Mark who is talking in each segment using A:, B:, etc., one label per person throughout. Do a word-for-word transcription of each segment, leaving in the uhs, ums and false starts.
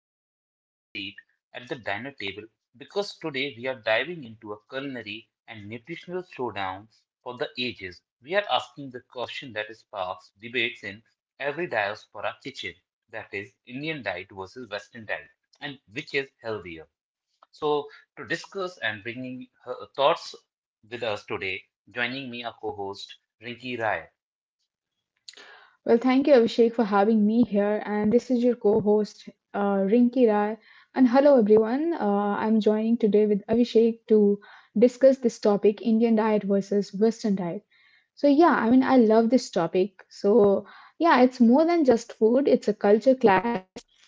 A: ready to pull up a seat at the dinner table because today we are diving into a culinary and nutritional showdown for the ages. We are asking the question that sparks debates in every diaspora kitchen, that is, Indian diet versus Western diet, and which is healthier. So, to discuss and bringing her thoughts with us today, joining me, our co host, Rinki Rai.
B: Well, thank you, Abhishek, for having me here. And this is your co host, uh, Rinki Rai. And hello, everyone. Uh, I'm joining today with Abhishek to discuss this topic Indian diet versus Western diet. So, yeah, I mean, I love this topic. So, yeah, it's more than just food, it's a culture clash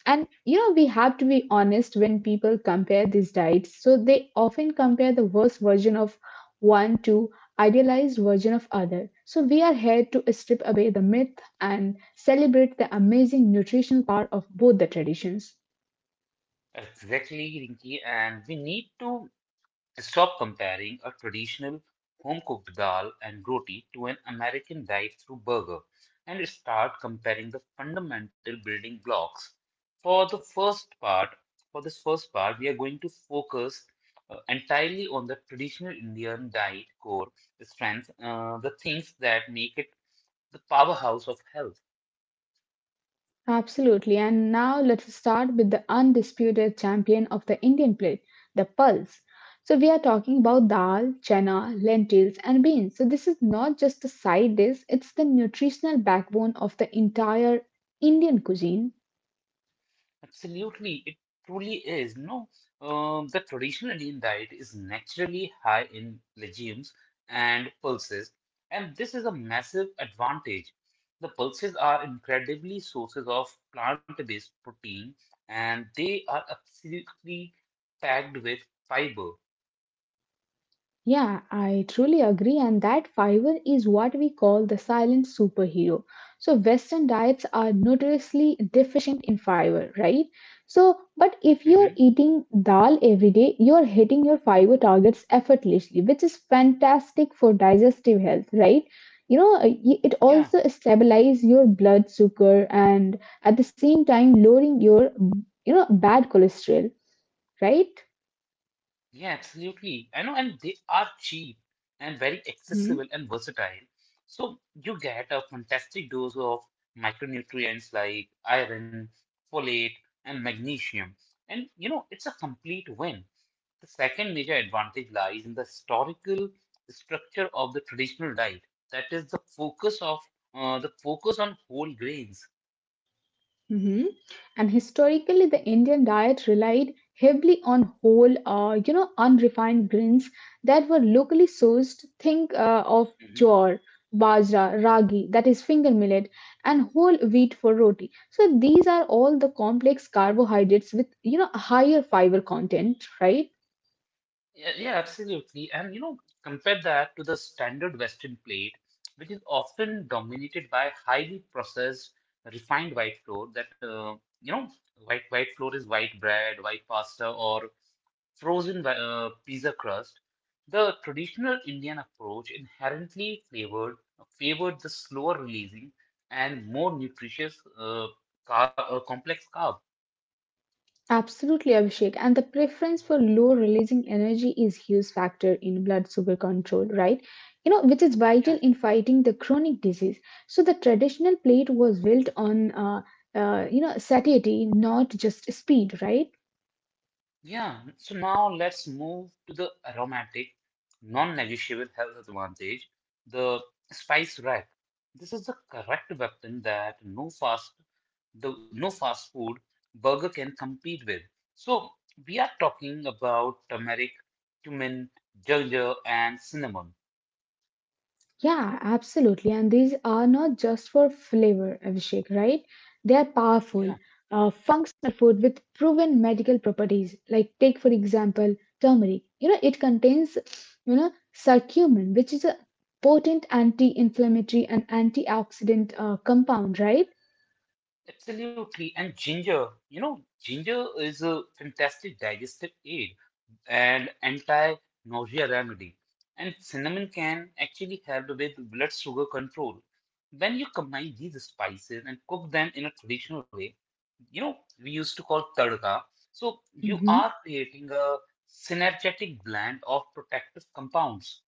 B: and you know, we have to be honest when people compare these diets. So they often compare the worst version of one to idealized version of other. So we are here to strip away the myth and celebrate the amazing nutrition power of both the traditions.
A: Exactly, Rinki, and we need to stop comparing a traditional home cooked dal and roti to an American drive through burger and start comparing the fundamental building blocks. For the first part, for this first part, we are going to focus uh, entirely on the traditional Indian diet core strengths, uh, the things that make it the powerhouse of health.
B: Absolutely. And now let's start with the undisputed champion of the Indian plate, the pulse. So we are talking about dal, chana, lentils, and beans. So this is not just a side dish, it's the nutritional backbone of the entire Indian cuisine.
A: Absolutely, it truly is. No, um, the traditional Indian diet is naturally high in legumes and pulses, and this is a massive advantage. The pulses are incredibly sources of plant-based protein, and they are absolutely packed with fiber.
B: Yeah, I truly agree, and that fiber is what we call the silent superhero. So, Western diets are notoriously deficient in fiber, right? So, but if you're
A: Mhm.
B: eating dal every day, you're hitting your fiber targets effortlessly, which is fantastic for digestive health, right? You know, uh, y- it
A: Yeah.
B: also stabilizes your blood sugar and at the same time lowering your, you know, bad cholesterol, right?
A: Yeah, absolutely. I know, and they are cheap and very accessible and versatile. So you get a fantastic dose of micronutrients like iron, folate, and magnesium. And you know, it's a complete win. The second major advantage lies in the historical structure of the traditional diet. That is the focus of uh, the focus on whole grains.
B: Mhm. And historically, the Indian diet relied heavily on whole, uh, you know, unrefined grains that were locally sourced. Think uh, of
A: Mm-hmm.
B: jowar, bajra, ragi, that is finger millet, and whole wheat for roti. So these are all the complex carbohydrates with, you know, a higher fiber content, right?
A: Yeah, yeah, absolutely. And you know, compare that to the standard Western plate, which is often dominated by highly processed, refined white flour that uh, you know, white white flour is white bread, white pasta, or frozen wi- uh, pizza crust. The traditional Indian approach inherently flavored favored the slower releasing and more nutritious uh, car uh, complex carb.
B: Absolutely, Abhishek. And the preference for low releasing energy is huge factor in blood sugar control, right? You know, which is
A: Yeah.
B: vital in fighting the chronic disease. So the traditional plate was built on, uh, uh, you know, satiety, not just speed, right?
A: Yeah, so now let's move to the aromatic, non-negotiable health advantage, the spice rack. This is the correct weapon that no fast the no fast food burger can compete with. So we are talking about turmeric, cumin, ginger, and cinnamon.
B: Yeah, absolutely. And these are not just for flavor, Abhishek, right? They are
A: Yeah,
B: powerful, uh, functional food with proven medical properties. Like take for example turmeric. You know, it contains, you know, curcumin, which is a potent anti-inflammatory and antioxidant uh, compound, right?
A: absolutely. And ginger, you know, ginger is a fantastic digestive aid and anti-nausea remedy. And cinnamon can actually help with blood sugar control. When you combine these spices and cook them in a traditional way, you know, we used to call tadka. So you
B: Mm-hmm.
A: are creating a synergetic blend of protective compounds.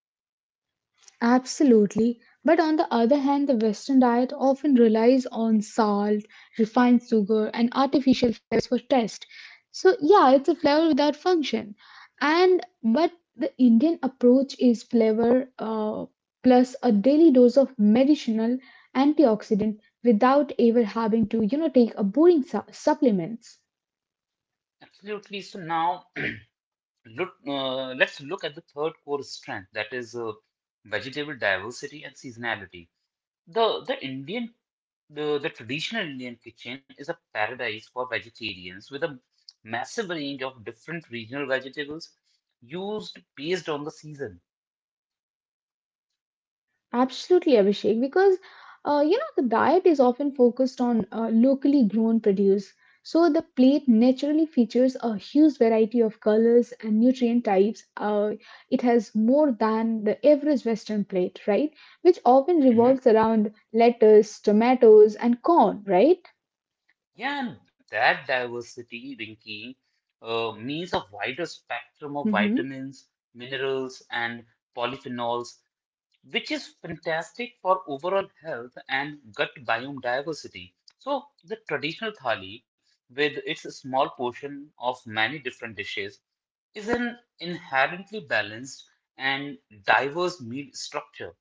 B: Absolutely. But on the other hand, the Western diet often relies on salt, refined sugar, and artificial flavors for taste. So, yeah, it's a flavor without function. And but the Indian approach is flavor uh, plus a daily dose of medicinal antioxidant without ever having to, you know, take a boring su- supplements.
A: Absolutely. So now look, uh, let's look at the third core strength, that is uh, vegetable diversity and seasonality. The the Indian the, the traditional Indian kitchen is a paradise for vegetarians with a massive range of different regional vegetables used based on the season.
B: Absolutely, Abhishek, because uh, you know the diet is often focused on uh, locally grown produce. So the plate naturally features a huge variety of colors and nutrient types. Uh, it has more than the average Western plate, right? Which often
A: Mhm.
B: revolves around lettuce, tomatoes, and corn, right?
A: Yeah, and that diversity, Rinki, uh, means a wider spectrum of
B: Mm-hmm.
A: vitamins, minerals, and polyphenols, which is fantastic for overall health and gut biome diversity. So, the traditional thali, with its small portion of many different dishes, is an inherently balanced and diverse meal structure.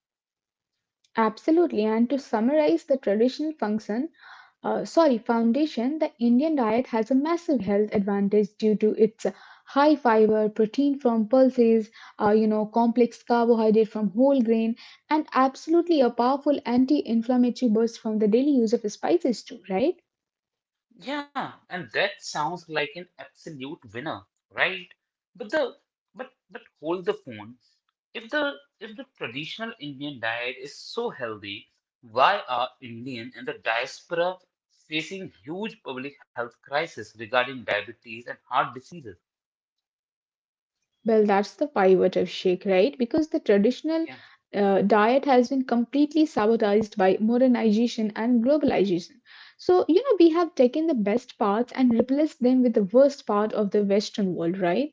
B: Absolutely. And to summarize the traditional function, uh, sorry, foundation, the Indian diet has a massive health advantage due to its high fiber, protein from pulses, uh, you know, complex carbohydrate from whole grain, and absolutely a powerful anti-inflammatory burst from the daily use of spices too, right?
A: Yeah, and that sounds like an absolute winner, right? But the but but hold the phone. If the if the traditional Indian diet is so healthy, why are Indian and the diaspora facing huge public health crisis regarding diabetes and heart diseases?
B: Well, that's the pivotal shake, right? Because the traditional uh, diet has been completely sabotaged by modernization and globalization. So, you know, we have taken the best parts and replaced them with the worst part of the Western world, right?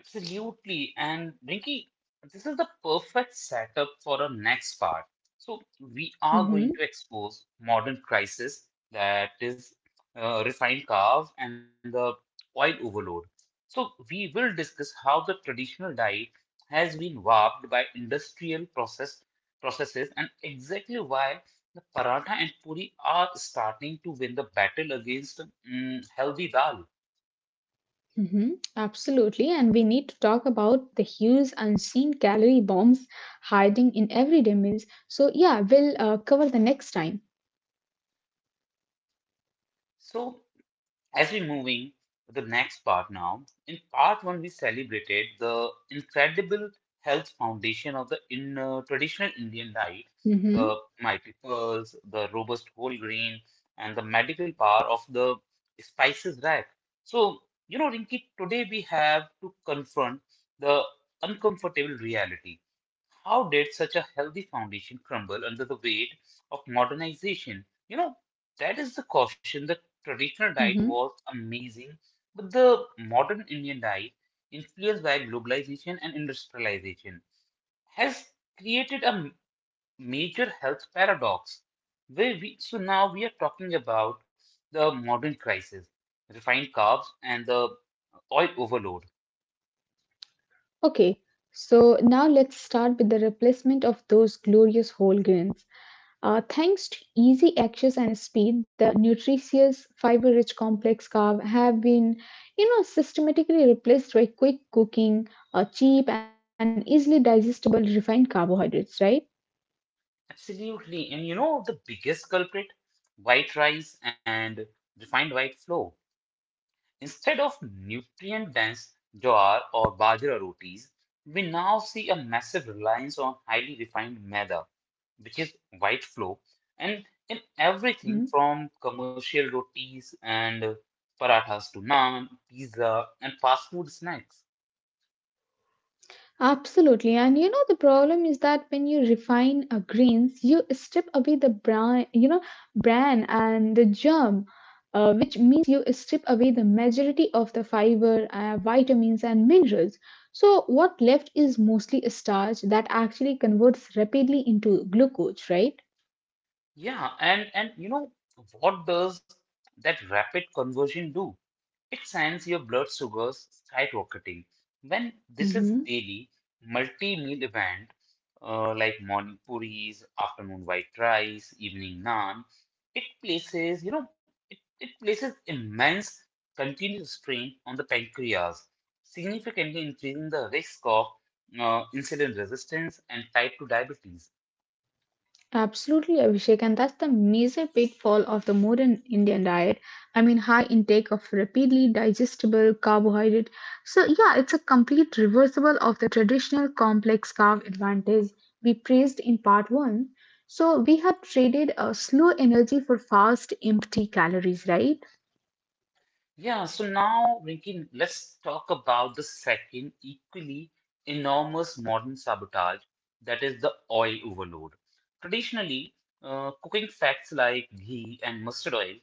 A: Absolutely. And Rinky, this is the perfect setup for our next part. So, we are
B: Mm-hmm,
A: going to expose modern crisis, that is uh, refined carbs and the oil overload. So, we will discuss how the traditional diet has been warped by industrial process processes and exactly why the paratha and puri are starting to win the battle against mm, healthy dal.
B: mm-hmm, absolutely. And we need to talk about the huge unseen calorie bombs hiding in everyday meals. So, yeah, we'll uh, cover the next time.
A: So, as we moving to the next part now, in part one we celebrated the incredible health foundation of the in, uh, traditional Indian diet,
B: Mm-hmm,
A: the mighty pearls, the robust whole grain, and the medical power of the spices rack. So you know, Rinki, today we have to confront the uncomfortable reality, how did such a healthy foundation crumble under the weight of modernization? You know, that is the caution. The traditional diet
B: mm-hmm.
A: was amazing, but the modern Indian diet, influenced by globalization and industrialization, has created a m- major health paradox. Where we, so now we are talking about the modern crisis, refined carbs and the oil overload.
B: Okay, so now let's start with the replacement of those glorious whole grains. Uh, thanks to easy access and speed, the nutritious, fiber-rich complex carb have been, you know, systematically replaced by quick cooking, uh, cheap and easily digestible refined carbohydrates, right?
A: Absolutely. And you know the biggest culprit? White rice and refined white flour. Instead of nutrient dense jowar or bajra rotis, we now see a massive reliance on highly refined maida, which is white flour, and in everything
B: Mhm.
A: from commercial rotis and parathas to naan, pizza, and fast food snacks.
B: Absolutely. And you know, the problem is that when you refine uh, grains, you strip away the bran, you know, bran and the germ, uh, which means you strip away the majority of the fiber, uh, vitamins, and minerals. So, what left is mostly a starch that actually converts rapidly into glucose, right?
A: Yeah, and and you know what does that rapid conversion do? It sends your blood sugars skyrocketing. When this is daily, multi-meal event, uh, like morning puris, afternoon white rice, evening naan, it places, you know, it, it places immense continuous strain on the pancreas, significantly increasing the risk of uh, insulin resistance and type two diabetes.
B: Absolutely, Abhishek, and that's the major pitfall of the modern Indian diet. I mean, high intake of rapidly digestible carbohydrate. So, yeah, it's a complete reversible of the traditional complex carb advantage we praised in part one. So, we have traded a slow energy for fast, empty calories, right?
A: Yeah, so now, Rinkin, let's talk about the second equally enormous modern sabotage, that is the oil overload. Traditionally, uh, cooking fats like ghee and mustard oil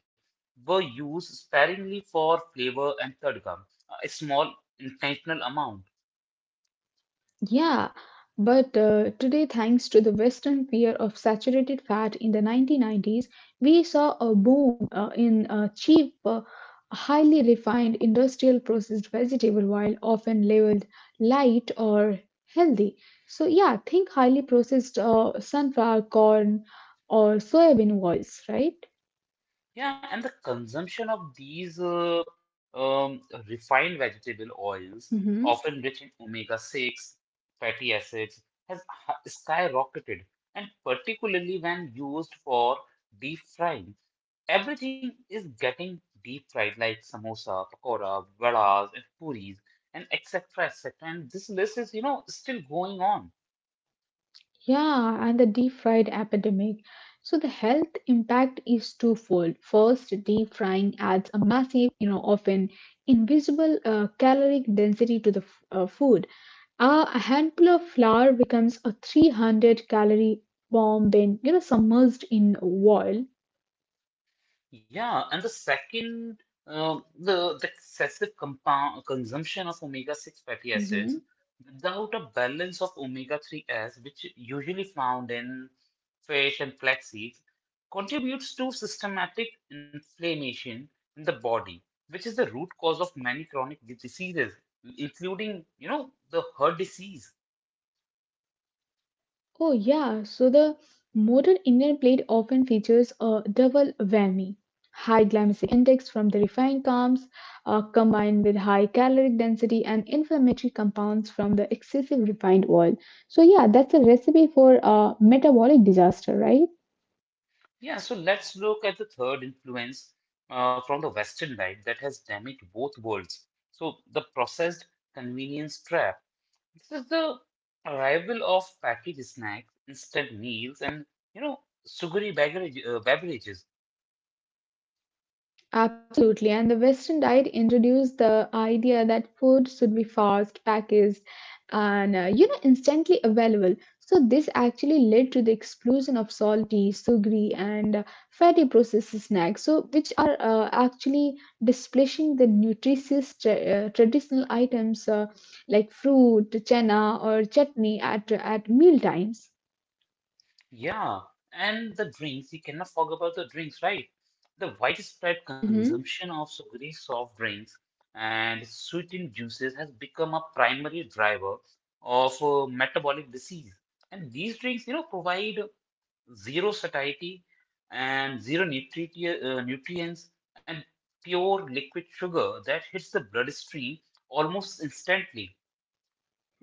A: were used sparingly for flavor and tadka, a small intentional amount.
B: Yeah, but uh, today, thanks to the Western fear of saturated fat in the nineteen nineties, we saw a boom uh, in uh, cheap, uh, highly refined industrial processed vegetable, oil, often labeled light or healthy. So, yeah, think highly processed uh, sunflower, corn, or soybean oils, right?
A: Yeah, and the consumption of these uh, um, refined vegetable oils,
B: Mhm.
A: often rich in omega six fatty acids, has ha- skyrocketed, and particularly when used for deep frying. Everything is getting deep fried, like samosa, pakora, vadas, and puris, and et cetera et cetera. And this list is, you know, still going on.
B: Yeah, and the deep fried epidemic. So the health impact is twofold. First, deep frying adds a massive, you know, often invisible uh, caloric density to the f- uh, food. Uh, a handful of flour becomes a three hundred calorie bomb when, you know, submerged in oil.
A: Yeah, and the second, uh, the, the excessive compound consumption of omega six fatty acids without a balance of omega three s, which usually found in fish and flax seeds, contributes to systematic inflammation in the body, which is the root cause of many chronic diseases, including, you know, the heart disease.
B: Oh, yeah. So the modern Indian plate often features a double whammy. High glycemic index from the refined carbs, uh, combined with high caloric density and inflammatory compounds from the excessive refined oil. So, yeah, that's a recipe for a metabolic disaster, right?
A: Yeah, so let's look at the third influence uh, from the Western life that has damaged both worlds. So, the processed convenience trap. This is the arrival of packaged snacks, instant meals, and you know, sugary beverage, uh, beverages.
B: Absolutely, and the Western diet introduced the idea that food should be fast, packaged, and uh, you know instantly available. So this actually led to the explosion of salty, sugary, and uh, fatty processed snacks. So which are uh, actually displacing the nutritious tra- uh, traditional items uh, like fruit, chana, or chutney at at meal times.
A: Yeah, and the drinks, you cannot forget about the drinks, right? The widespread
B: Mm-hmm.
A: consumption of sugary soft drinks and sweetened juices has become a primary driver of uh, metabolic disease. And these drinks, you know, provide zero satiety and zero nutri- uh, nutrients and pure liquid sugar that hits the bloodstream almost instantly.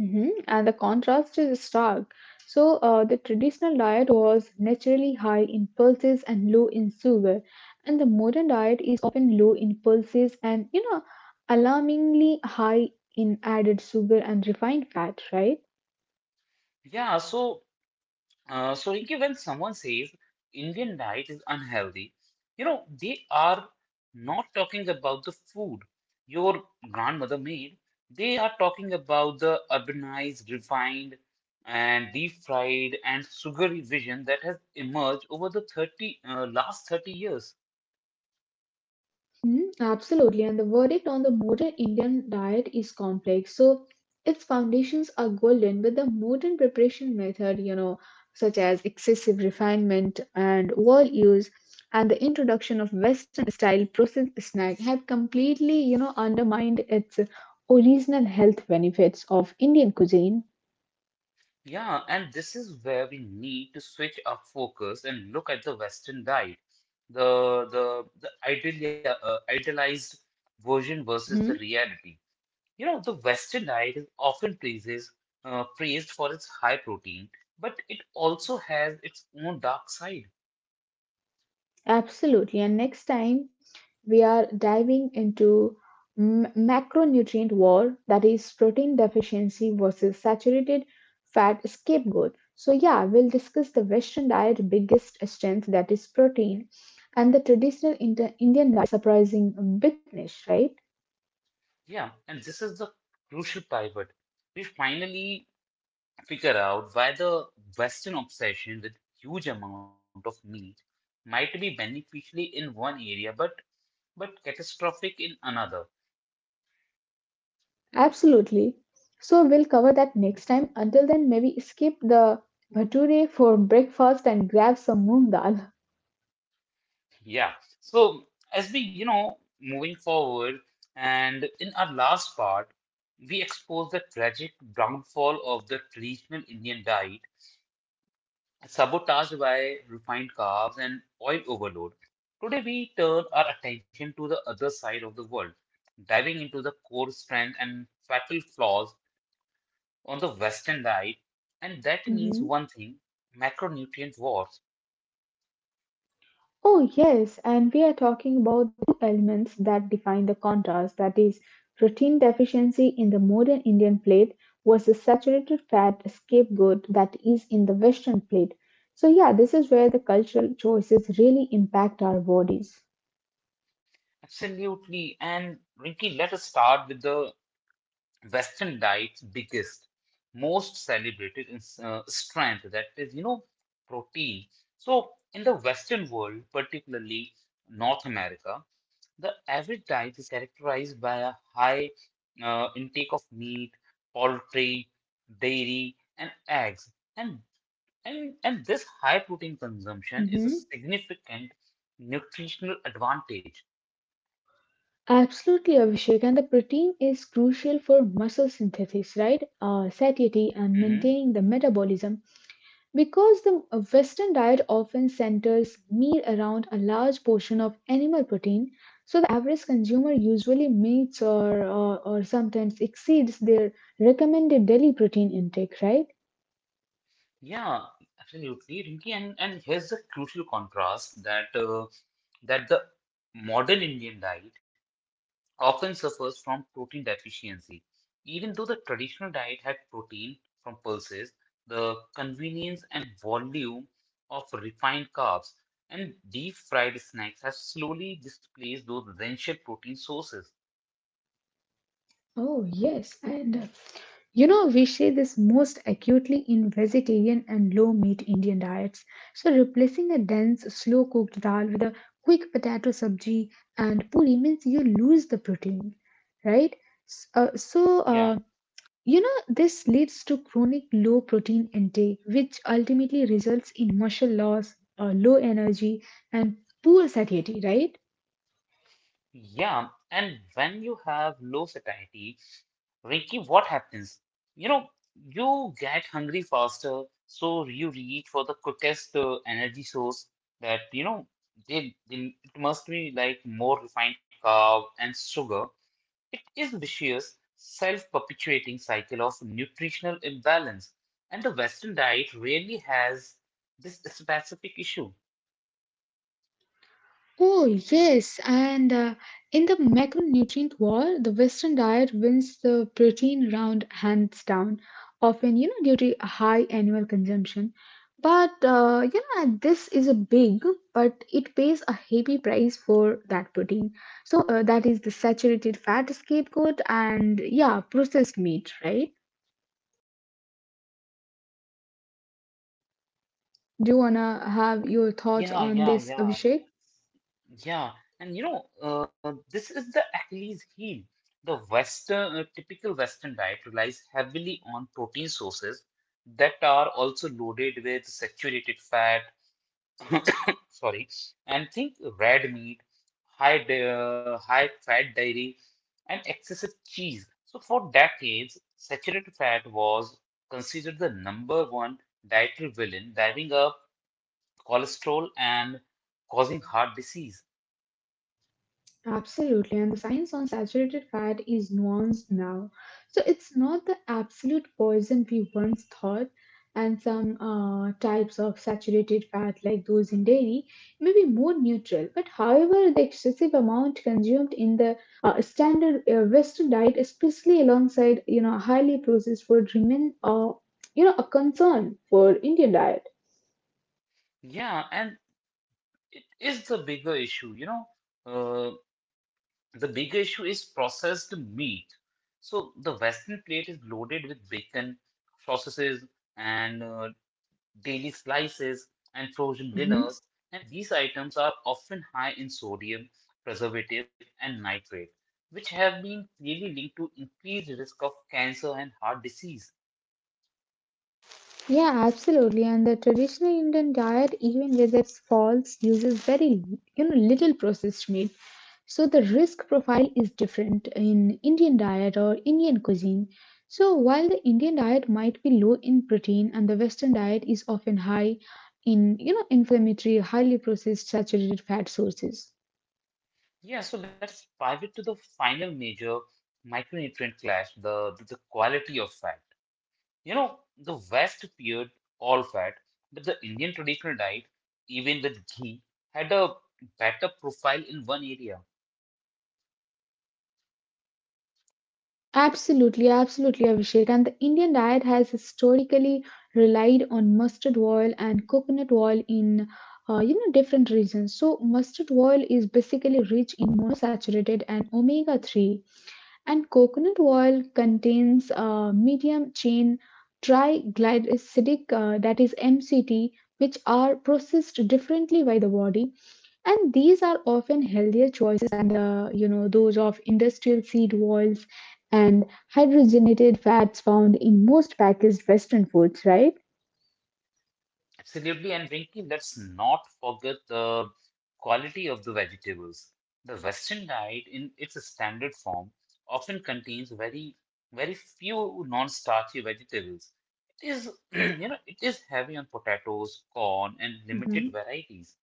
B: Hmm. And the contrast is stark. So, uh, the traditional diet was naturally high in pulses and low in sugar, and the modern diet is often low in pulses and you know, alarmingly high in added sugar and refined fat, right?
A: Yeah, so Uh, so, Rinki, when someone says Indian diet is unhealthy, you know, they are not talking about the food your grandmother made. They are talking about the urbanized, refined, and deep fried and sugary vision that has emerged over the thirty, uh, last thirty years.
B: Hmm. Absolutely, and the verdict on the modern Indian diet is complex. So, its foundations are golden, but the modern preparation method, you know, such as excessive refinement and oil use, and the introduction of Western-style processed snack have completely, you know, undermined its original health benefits of Indian cuisine.
A: Yeah, and this is where we need to switch our focus and look at the Western diet, the the the ideal, uh, idealized version versus the
B: Mhm.
A: reality. You know, the Western diet is often praises, uh, praised for its high protein, but it also has its own dark side.
B: Absolutely, and next time we are diving into m- macronutrient war that is protein deficiency versus saturated fat scapegoat. So yeah, we'll discuss the Western diet biggest strength that is protein and the traditional Inter- Indian diet surprising weakness, right?
A: Yeah, and this is the crucial pivot. We finally figure out why the Western obsession with huge amount of meat might be beneficially in one area, but but catastrophic in another.
B: Absolutely. So we'll cover that next time. Until then, maybe skip the bhature for breakfast and grab some moong dal.
A: Yeah. So as we, you know, moving forward, and in our last part, we expose the tragic downfall of the traditional Indian diet, sabotaged by refined carbs and oil overload. Today, we turn our attention to the other side of the world, diving into the core strength and fatal flaws on the Western diet. And that means
B: Mhm.
A: one thing, macronutrient wars.
B: Oh, yes, and we are talking about the two elements that define the contrast that is, protein deficiency in the modern Indian plate versus saturated fat scapegoat that is in the Western plate. So, yeah, this is where the cultural choices really impact our bodies.
A: Absolutely. And Rinki, let us start with the Western diet's biggest, most celebrated in, uh, strength, that is, you know, protein. So, in the Western world, particularly North America, the average diet is characterized by a high uh, intake of meat, poultry, dairy, and eggs. And, and, and this high protein consumption is a
B: Mhm.
A: significant nutritional advantage.
B: Absolutely, Abhishek. And the protein is crucial for muscle synthesis, right? Uh, satiety and
A: Mm-hmm.
B: maintaining the metabolism. Because the uh, Western diet often centers meal around a large portion of animal protein, so the average consumer usually meets or, or, or sometimes exceeds their recommended daily protein intake, right?
A: Yeah, absolutely, Rinki, and and here's a crucial contrast that uh, that the modern Indian diet often suffers from protein deficiency. Even though the traditional diet had protein from pulses, the convenience and volume of refined carbs and deep fried snacks have slowly displaced those essential protein sources.
B: Oh, yes. And uh, you know, we see this most acutely in vegetarian and low meat Indian diets. So, replacing a dense, slow cooked dal with a quick potato sabji and puri means you lose the protein, right? S- Uh, so,
A: Yeah.
B: uh, You know, this leads to chronic low protein intake, which ultimately results in muscle loss, uh, low energy, and poor satiety, right?
A: Yeah, and when you have low satiety, Ricky, what happens? You know, you get hungry faster, so you reach for the quickest uh, energy source that, you know, they, they, it must be like more refined carb and sugar. It is vicious, self-perpetuating cycle of nutritional imbalance, and the Western diet really has this specific issue.
B: Oh, yes, and uh, in the macronutrient war, the Western diet wins the protein round hands down, often, you know, due to a high annual consumption. But, uh, you know, this is a big, but it pays a heavy price for that protein. So, uh, that is the saturated fat scapegoat and, yeah, processed meat, right? Do you wanna have your thoughts
A: Yeah,
B: on
A: yeah,
B: this,
A: yeah.
B: Abhishek?
A: Yeah, and you know, uh, this is the Achilles heel. The Western, uh, typical Western diet relies heavily on protein sources that are also loaded with saturated fat, sorry, and think red meat, high, di- uh, high fat dairy, and excessive cheese. So for decades, saturated fat was considered the number one dietary villain, driving up cholesterol and causing heart disease.
B: Absolutely, and the science on saturated fat is nuanced now. So it's not the absolute poison we once thought, and some uh, types of saturated fat, like those in dairy, may be more neutral. But however, the excessive amount consumed in the uh, standard uh, Western diet, especially alongside you know highly processed food, remain uh, you know a concern for Indian diet.
A: Yeah, and it is the bigger issue, you know. Uh, the bigger issue is processed meat. So the Western plate is loaded with bacon, sausages, and uh, daily slices and frozen dinners.
B: Mhm.
A: And these items are often high in sodium, preservative, and nitrate, which have been clearly linked to increased risk of cancer and heart disease.
B: Yeah, absolutely. And the traditional Indian diet, even with its faults, uses very you know little processed meat. So the risk profile is different in Indian diet or Indian cuisine. So while the Indian diet might be low in protein and the Western diet is often high in you know inflammatory, highly processed saturated fat sources.
A: Yeah, so let's pivot to the final major micronutrient clash, the the the quality of fat. You know, the West feared all fat, but the Indian traditional diet, even with ghee, had a better profile in one area.
B: Absolutely, absolutely, Abhishek. And the Indian diet has historically relied on mustard oil and coconut oil in uh, you know different regions. So mustard oil is basically rich in monosaturated and omega three, and coconut oil contains a medium chain triglycerides, uh, that is M C T, which are processed differently by the body, and these are often healthier choices than the you know those of industrial seed oils and hydrogenated fats found in most packaged western foods, right?
A: Absolutely, and Rinki, let's not forget the quality of the vegetables. The Western diet, in its standard form, often contains very, very few non-starchy vegetables. It is, you know, it is heavy on potatoes, corn, and limited
B: Hmm.
A: varieties.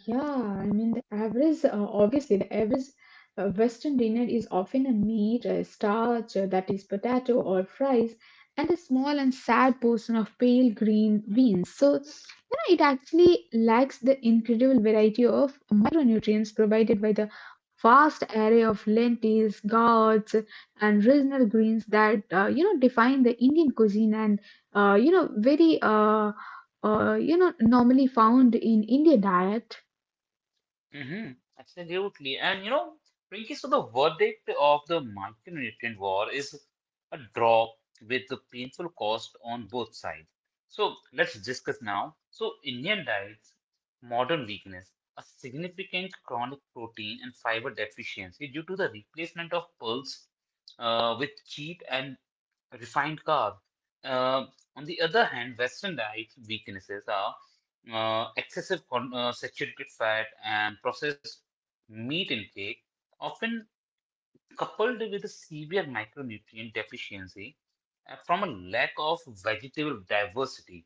B: Yeah, I mean, the average, uh, obviously, the average uh, Western dinner is often a meat, a starch, uh, that is potato or fries, and a small and sad portion of pale green beans. So, you know, it actually lacks the incredible variety of micronutrients provided by the vast array of lentils, gourds, and regional greens that, uh, you know, define the Indian cuisine and, uh, you know, very, uh, uh, you know, normally found in Indian diet.
A: hmm Absolutely. And you know, Rinky, so the verdict of the micronutrient war is a draw with the painful cost on both sides. So let's discuss now. So Indian diet's modern weakness, a significant chronic protein and fiber deficiency due to the replacement of pulse uh, with cheap and refined carb. Uh, on the other hand, Western diet weaknesses are uh, excessive con uh, saturated fat and processed meat intake, often coupled with a severe micronutrient deficiency uh, from a lack of vegetable diversity.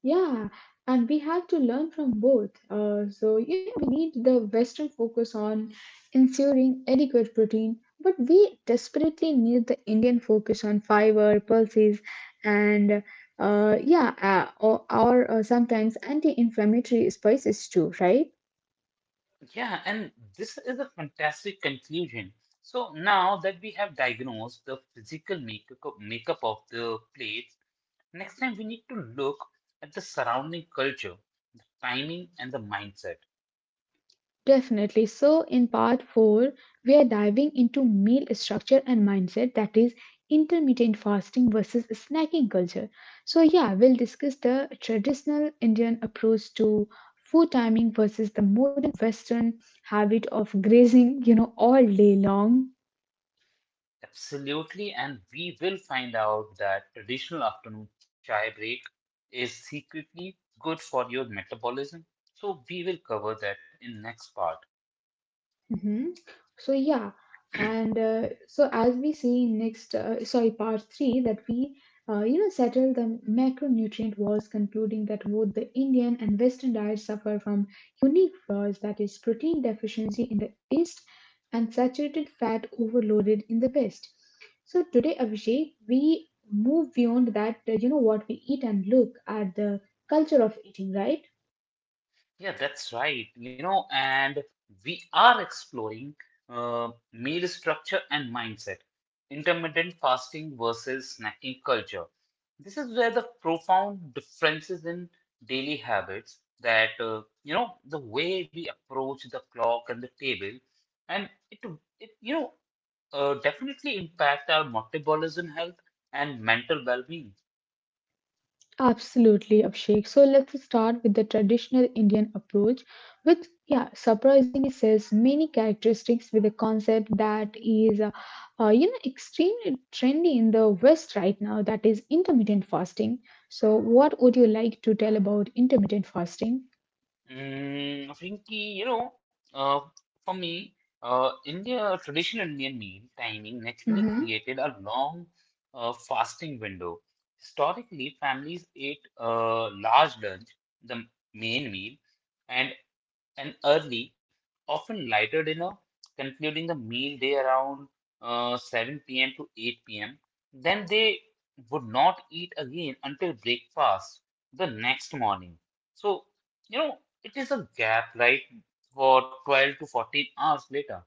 B: Yeah, and we have to learn from both. Uh, so, you know, we need the Western focus on ensuring adequate protein, but we desperately need the Indian focus on fiber, pulses, and uh, yeah, uh, or, or uh, sometimes anti inflammatory spices too, right?
A: Yeah, and this is a fantastic conclusion. So now that we have diagnosed the physical makeup makeup of the plates, next time we need to look at the surrounding culture, timing, and the mindset.
B: Definitely. So, in part four, we are diving into meal structure and mindset, that is, intermittent fasting versus snacking culture. So, yeah, we'll discuss the traditional Indian approach to food timing versus the modern Western habit of grazing, you know, all day long.
A: Absolutely, and we will find out that traditional afternoon chai break is secretly good for your metabolism. So we will cover that in next part.
B: Hmm. So yeah, and uh, so as we see next, uh, sorry, part three, that we uh, you know settle the macronutrient wars, concluding that both the Indian and Western diets suffer from unique flaws, that is, protein deficiency in the East and saturated fat overloaded in the West. So today, Abhishek, we move beyond that. Uh, you know what we eat and look at the culture of eating, right?
A: Yeah, that's right. You know, and we are exploring uh, meal structure and mindset, intermittent fasting versus snacking culture. This is where the profound differences in daily habits that, uh, you know, the way we approach the clock and the table, and it, it you know, uh, definitely impact our metabolism health and mental well-being.
B: Absolutely, Abhishek. So let's start with the traditional Indian approach, which, yeah, surprisingly says many characteristics with a concept that is, uh, uh, you know, extremely trendy in the West right now, that is intermittent fasting. So, what would you like to tell about intermittent fasting?
A: Mm, I think you know, uh, for me, uh, India traditional Indian meal timing naturally
B: Mm-hmm.
A: created a long uh, fasting window. Historically, families ate a large lunch, the main meal, and an early, often lighter dinner, concluding the meal day around uh, seven p m to eight p m. Then they would not eat again until breakfast the next morning. So, you know, it is a gap, right, for twelve to fourteen hours later.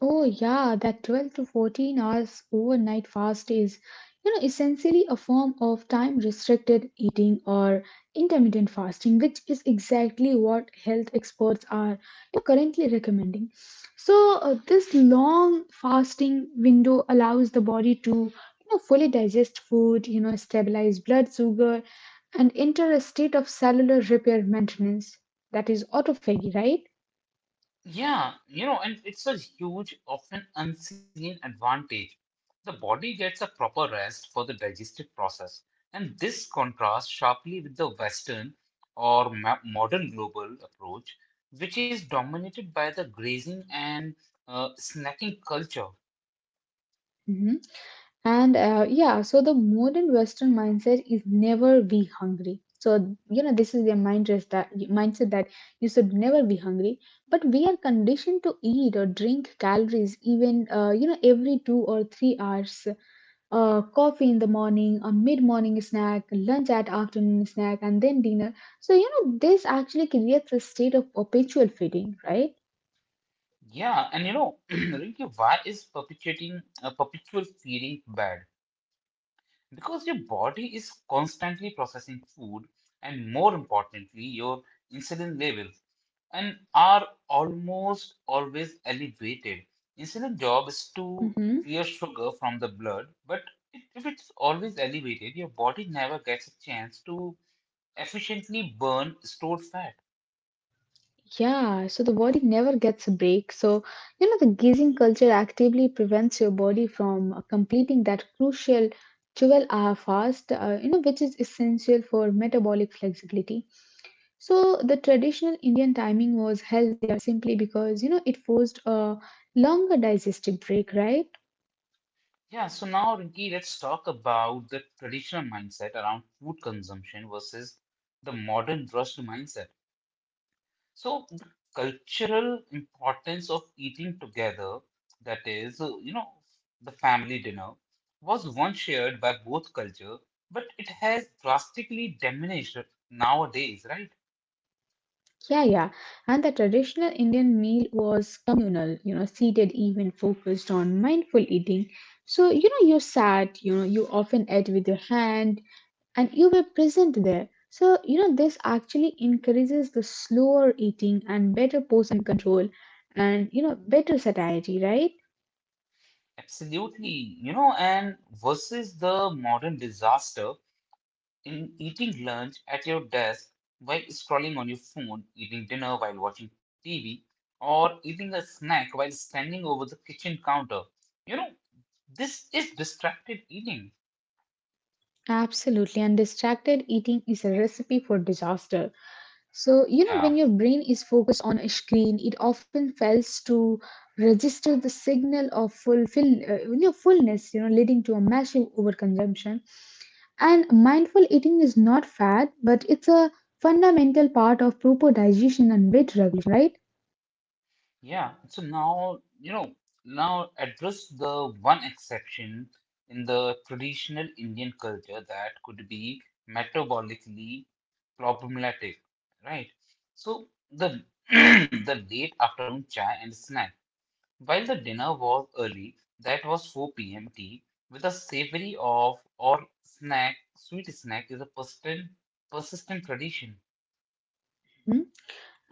B: Oh yeah, that twelve to fourteen hours overnight fast is, you know, essentially a form of time restricted eating or intermittent fasting, which is exactly what health experts are currently recommending. So uh, this long fasting window allows the body to, you know, fully digest food, you know, stabilize blood sugar and enter a state of cellular repair maintenance. That is autophagy, right?
A: Yeah, you know, and it's a huge, often unseen advantage. The body gets a proper rest for the digestive process, and this contrasts sharply with the Western or ma- modern global approach, which is dominated by the grazing and uh, snacking culture.
B: Mhm. And uh, yeah, so the modern Western mindset is never be hungry. So you know this is their mindset that mindset that you should never be hungry. But we are conditioned to eat or drink calories even, uh, you know, every two or three hours. Uh, coffee in the morning, a mid-morning snack, lunch at afternoon snack, and then dinner. So you know this actually creates a state of perpetual feeding, right?
A: Yeah, and you know, Rinki, why is perpetuating a perpetual feeding bad? Because your body is constantly processing food, and more importantly, your insulin levels and are almost always elevated. Insulin job is to
B: Mm-hmm.
A: clear sugar from the blood, but it, if it's always elevated, your body never gets a chance to efficiently burn stored fat.
B: Yeah, so the body never gets a break. So, you know, the gazing culture actively prevents your body from uh, completing that crucial twelve-hour fast, uh, you know, which is essential for metabolic flexibility. So, the traditional Indian timing was healthier simply because, you know, it forced a longer digestive break, right?
A: Yeah, so now Rinki, let's talk about the traditional mindset around food consumption versus the modern rushed mindset. So the cultural importance of eating together, that is, uh, you know, the family dinner, was once shared by both culture, but it has drastically diminished nowadays, right?
B: Yeah, yeah. And the traditional Indian meal was communal, you know, seated even focused on mindful eating. So, you know, you sat, you know, you often ate with your hand and you were present there. So, you know, this actually encourages the slower eating and better portion control and, you know, better satiety, right?
A: Absolutely, you know, and versus the modern disaster in eating lunch at your desk while scrolling on your phone, eating dinner while watching T V, or eating a snack while standing over the kitchen counter. You know, this is distracted eating.
B: Absolutely, and distracted eating is a recipe for disaster. So, you know,
A: Yeah,
B: when your brain is focused on a screen, it often fails to register the signal of fulfill, uh, you know, fullness, you know, leading to a massive overconsumption. And mindful eating is not fad, but it's a fundamental part of proper digestion and weight regulation, right?
A: yeah. So now, you know, now address the one exception in the traditional Indian culture that could be metabolically problematic, right? So the the late afternoon chai and snack. While the dinner was early, that was four p m tea, with a savory of or snack, sweet snack is a persistent, persistent tradition.
B: Mm.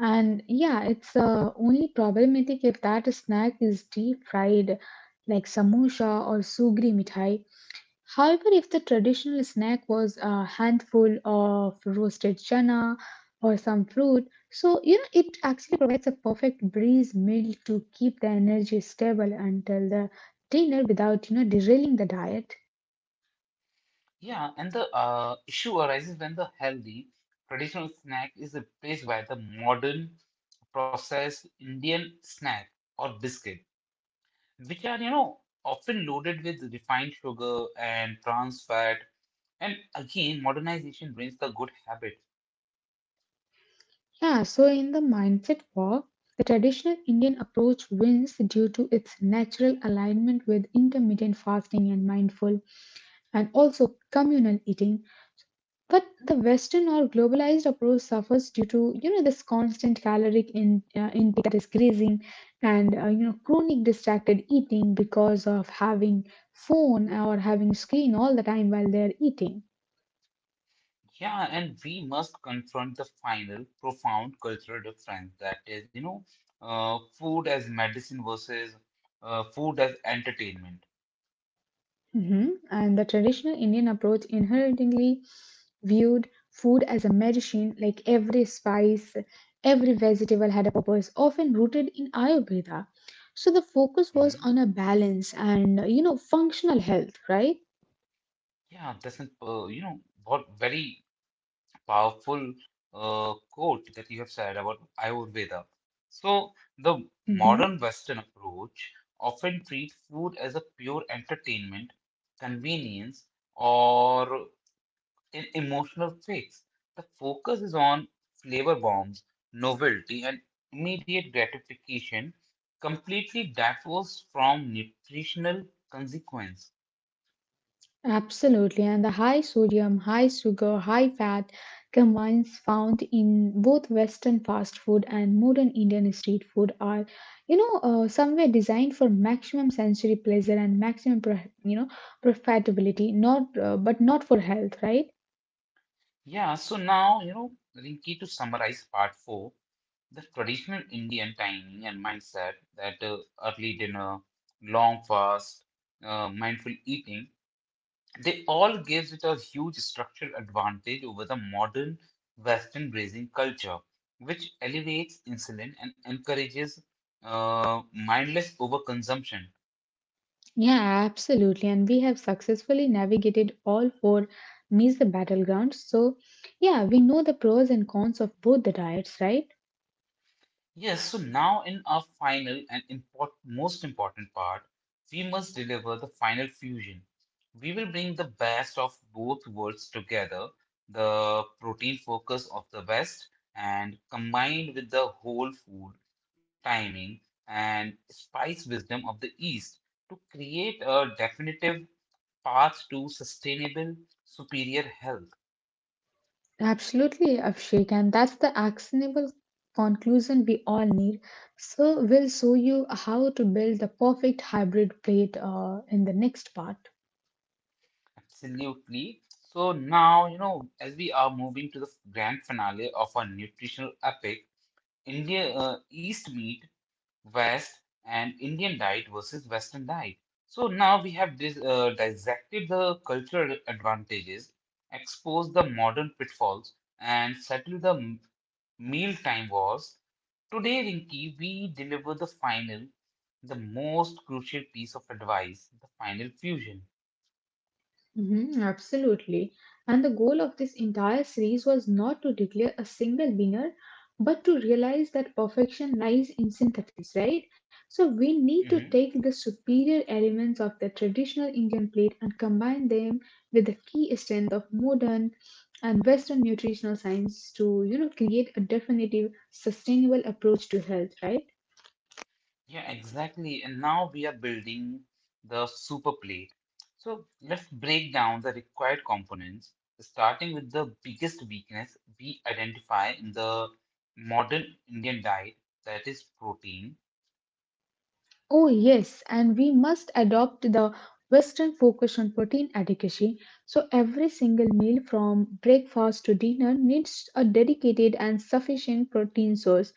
B: And yeah, it's uh, only problematic if that snack is deep fried, like samosa or sugri mithai. However, if the traditional snack was a handful of roasted chana or some fruit, so you know it actually provides a perfect breeze meal to keep the energy stable until the dinner without you know derailing the diet.
A: Yeah, and the uh, issue arises when the healthy traditional snack is replaced by the modern processed Indian snack or biscuit, which are, you know, often loaded with refined sugar and trans fat. And again, modernization brings the good habit.
B: Yeah, so in the mindset walk, the traditional Indian approach wins due to its natural alignment with intermittent fasting and mindful and also communal eating. But the Western or globalized approach suffers due to you know this constant caloric in, uh, intake, that is grazing, and uh, you know chronic distracted eating because of having phone or having screen all the time while they're eating.
A: Yeah, and we must confront the final profound cultural difference that is, you know, uh, food as medicine versus uh, food as entertainment.
B: Mhm. And the traditional Indian approach inherently viewed food as a medicine, like every spice, every vegetable had a purpose, often rooted in Ayurveda. So the focus was
A: hmm
B: on a balance and you know functional health, right?
A: Yeah, that's an, uh, you know, what very powerful uh, quote that you have said about Ayurveda. So the modern
B: Mhm.
A: Western approach often treats food as a pure entertainment, convenience, or in emotional fakes. The focus is on flavor bombs, novelty, and immediate gratification, completely divorced from nutritional consequence.
B: Absolutely. And the high sodium, high sugar, high fat combines found in both Western fast food and modern Indian street food are, you know, uh, somewhere designed for maximum sensory pleasure and maximum, pro- you know, profitability, not, uh, but not for health, right?
A: Yeah, so now, you know, Rinki, to summarize part four, the traditional Indian timing and mindset, that uh, early dinner, long fast, uh, mindful eating, they all gives it a huge structural advantage over the modern Western grazing culture, which elevates insulin and encourages uh, mindless overconsumption.
B: Yeah, absolutely. And we have successfully navigated all four means the battlegrounds. So, yeah, we know the pros and cons of both the diets, right?
A: Yes, so now in our final and import- most important part, we must deliver the final fusion. We will bring the best of both worlds together, the protein focus of the West, and combined with the whole food, timing, and spice wisdom of the East to create a definitive path to sustainable, superior health.
B: Absolutely, Abhishek, and that's the actionable conclusion we all need. So, we'll show you how to build the perfect hybrid plate uh, in the next part.
A: Absolutely. So now, you know, as we are moving to the grand finale of our nutritional epic, India uh, East meet West and Indian diet versus Western diet. So now we have dis uh, dissected the cultural advantages, exposed the modern pitfalls, and settled the m- mealtime wars. Today, Rinki, we deliver the final, the most crucial piece of advice, the final fusion.
B: Mhm, absolutely. And the goal of this entire series was not to declare a single winner, but to realize that perfection lies in synthesis, right? So we need to
A: Mm-hmm.
B: take the superior elements of the traditional Indian plate and combine them with the key strength of modern and Western nutritional science to, you know, create a definitive, sustainable approach to health, right?
A: Yeah, exactly. And now we are building the super plate. So let's break down the required components, starting with the biggest weakness we identify in the modern Indian diet, that is protein.
B: Oh, yes, and we must adopt the Western focus on protein adequacy. So, every single meal from breakfast to dinner needs a dedicated and sufficient protein source.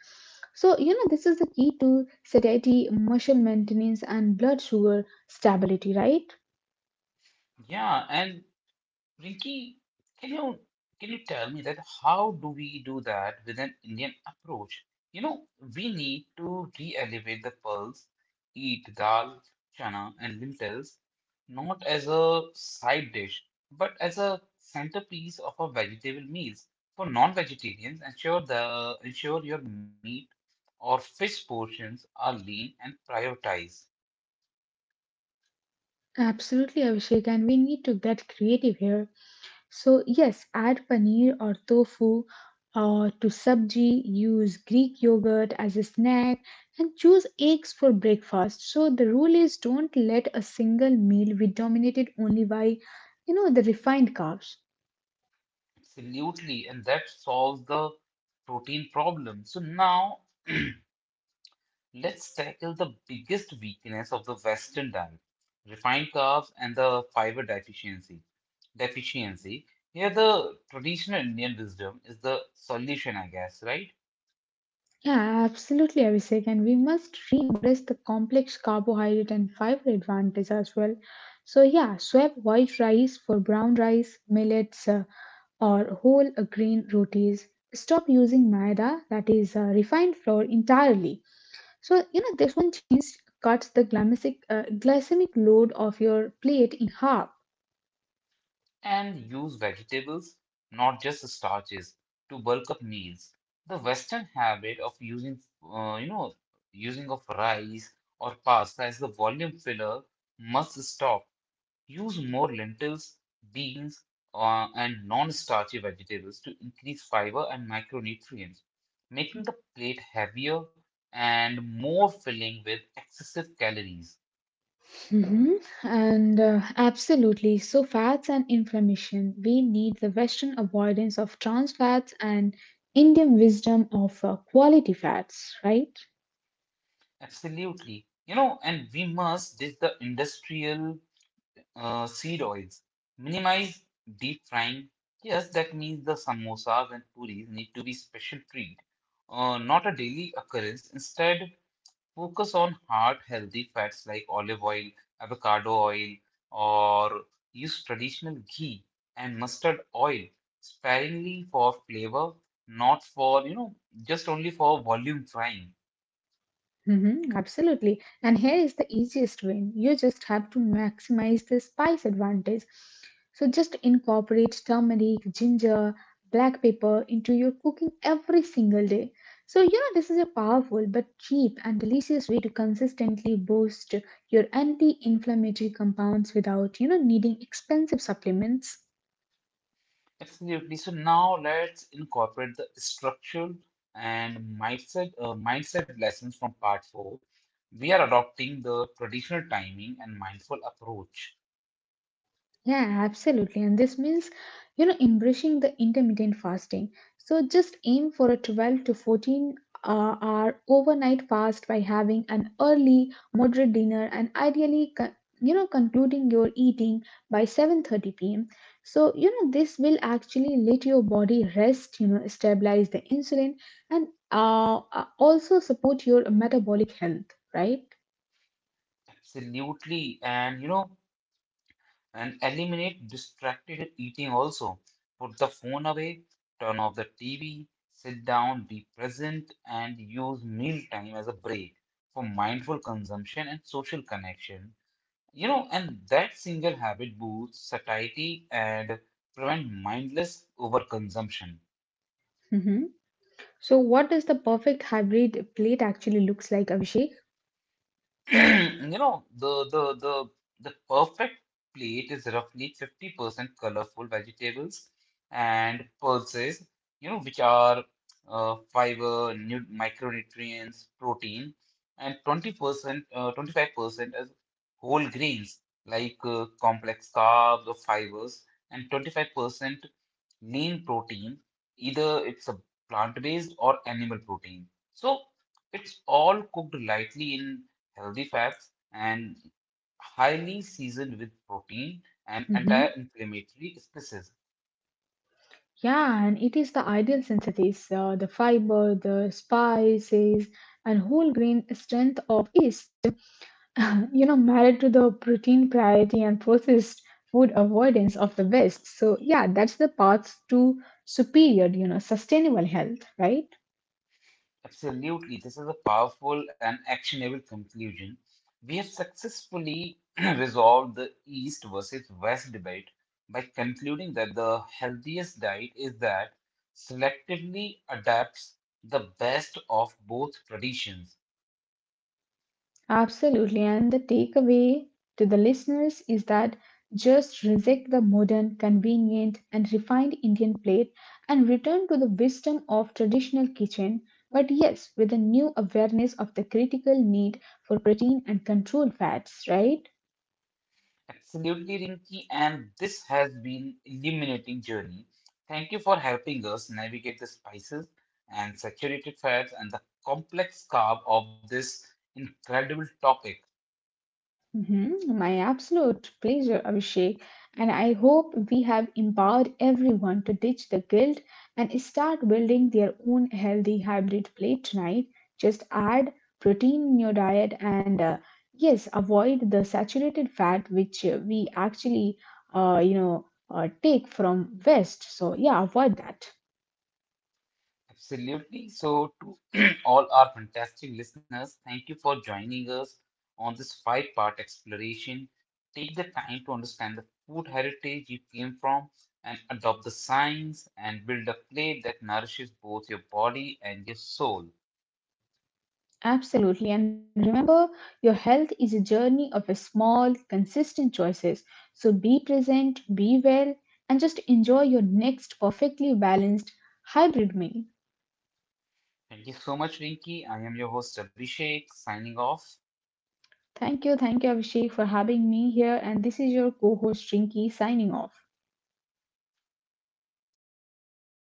B: So, you know, this is the key to satiety, muscle maintenance, and blood sugar stability, right?
A: Yeah, and Rinki, can you can you tell me that how do we do that with an Indian approach? You know, we need to re-elevate the pulse, eat dal, chana, and lentils, not as a side dish, but as a centerpiece of our vegetable meals. For non-vegetarians, ensure the ensure your meat or fish portions are lean and prioritize.
B: Absolutely, Abhishek, and we need to get creative here. So, yes, add paneer or tofu uh, to sabji, use Greek yogurt as a snack, and choose eggs for breakfast. So, the rule is don't let a single meal be dominated only by, you know, the refined carbs.
A: Absolutely, and that solves the protein problem. So now. Let's tackle the biggest weakness of the Western diet, refined carbs and the fiber deficiency. Deficiency. Here, the traditional Indian wisdom is the solution, I guess, right?
B: Yeah, absolutely, Abhishek. And we must re-embrace the complex carbohydrate and fiber advantage as well. So, yeah, swap white rice for brown rice, millets, uh, or whole uh, grain rotis. Stop using maida, that is uh, refined flour, entirely. So, you know, this one change cuts the glycemic, uh, glycemic load of your plate in half.
A: And use vegetables, not just starches, to bulk up meals. The Western habit of using, uh, you know, using of rice or pasta as the volume filler must stop. Use more lentils, beans, uh, and non-starchy vegetables to increase fiber and micronutrients, making the plate heavier and more filling with excessive calories.
B: Mhm. And uh, absolutely. So, fats and inflammation. We need the Western avoidance of trans fats and Indian wisdom of uh, quality fats, right?
A: Absolutely. You know, and we must ditch the industrial uh, seed oils, minimize deep frying. Yes, that means the samosas and puris need to be special treat, uh, not a daily occurrence. Instead, focus on heart healthy fats like olive oil, avocado oil, or use traditional ghee and mustard oil sparingly for flavor, not for, you know, just only for volume frying.
B: Mhm. Absolutely. And here is the easiest win. You just have to maximize the spice advantage. So, just incorporate turmeric, ginger, black pepper into your cooking every single day. So, yeah, this is a powerful but cheap and delicious way to consistently boost your anti inflammatory compounds without, you know, needing expensive supplements.
A: Absolutely. So now let's incorporate the structural and mindset uh, mindset lessons from part four. We are adopting the traditional timing and mindful approach.
B: Yeah, absolutely. And this means, you know, embracing the intermittent fasting. So just aim for a twelve to fourteen uh, hour overnight fast by having an early, moderate dinner and ideally, con- you know, concluding your eating by seven thirty p m. So, you know, this will actually let your body rest, you know, stabilize the insulin and uh, uh, also support your metabolic health, right?
A: Absolutely. And you know, and eliminate distracted eating also. Put the phone away, turn off the T V, sit down, be present, and use meal time as a break for mindful consumption and social connection. You know, and that single habit boosts satiety and prevent mindless overconsumption.
B: Hmm. So, what does the perfect hybrid plate actually looks like, Abhishek?
A: You know, the the the the perfect plate is roughly fifty percent colorful vegetables and pulses, you know, which are uh, fiber, nu micronutrients, protein, and twenty percent, uh, twenty-five percent as whole grains like uh, complex carbs or fibers, and twenty-five percent lean protein, either it's a plant-based or animal protein. So it's all cooked lightly in healthy fats and highly seasoned with protein and
B: Hmm.
A: anti-inflammatory spices.
B: Yeah, and it is the ideal synthesis, uh, the fiber, the spices, and whole grain strength of yeast. You know, married to the protein priority and processed food avoidance of the West. So yeah, that's the path to superior, you know, sustainable health, right?
A: Absolutely, this is a powerful and actionable conclusion. We have successfully resolved the East versus West debate by concluding that the healthiest diet is that selectively adapts the best of both traditions.
B: Absolutely. And the takeaway to the listeners is that just reject the modern, convenient, and refined Indian plate and return to the wisdom of traditional kitchen, but yes, with a new awareness of the critical need for protein and controlled fats, right?
A: Absolutely, Rinki, and this has been illuminating journey. Thank you for helping us navigate the spices and saturated fats and the complex carb of this incredible topic.
B: Mhm. My absolute pleasure, Abhishek. And I hope we have empowered everyone to ditch the guilt and start building their own healthy hybrid plate tonight. Just add protein in your diet and uh, yes, avoid the saturated fat which uh, we actually, uh, you know, uh, take from West. So yeah, avoid that.
A: Absolutely. So, to all our fantastic listeners, thank you for joining us on this five part exploration. Take the time to understand the food heritage you came from and adopt the science and build a plate that nourishes both your body and your soul.
B: Absolutely. And remember, your health is a journey of a small, consistent choices. So be present, be well, and just enjoy your next perfectly balanced hybrid meal.
A: Thank you so much, Rinki. I am your host, Abhishek, signing off.
B: Thank you. Thank you, Abhishek, for having me here. And this is your co host, Rinki, signing off.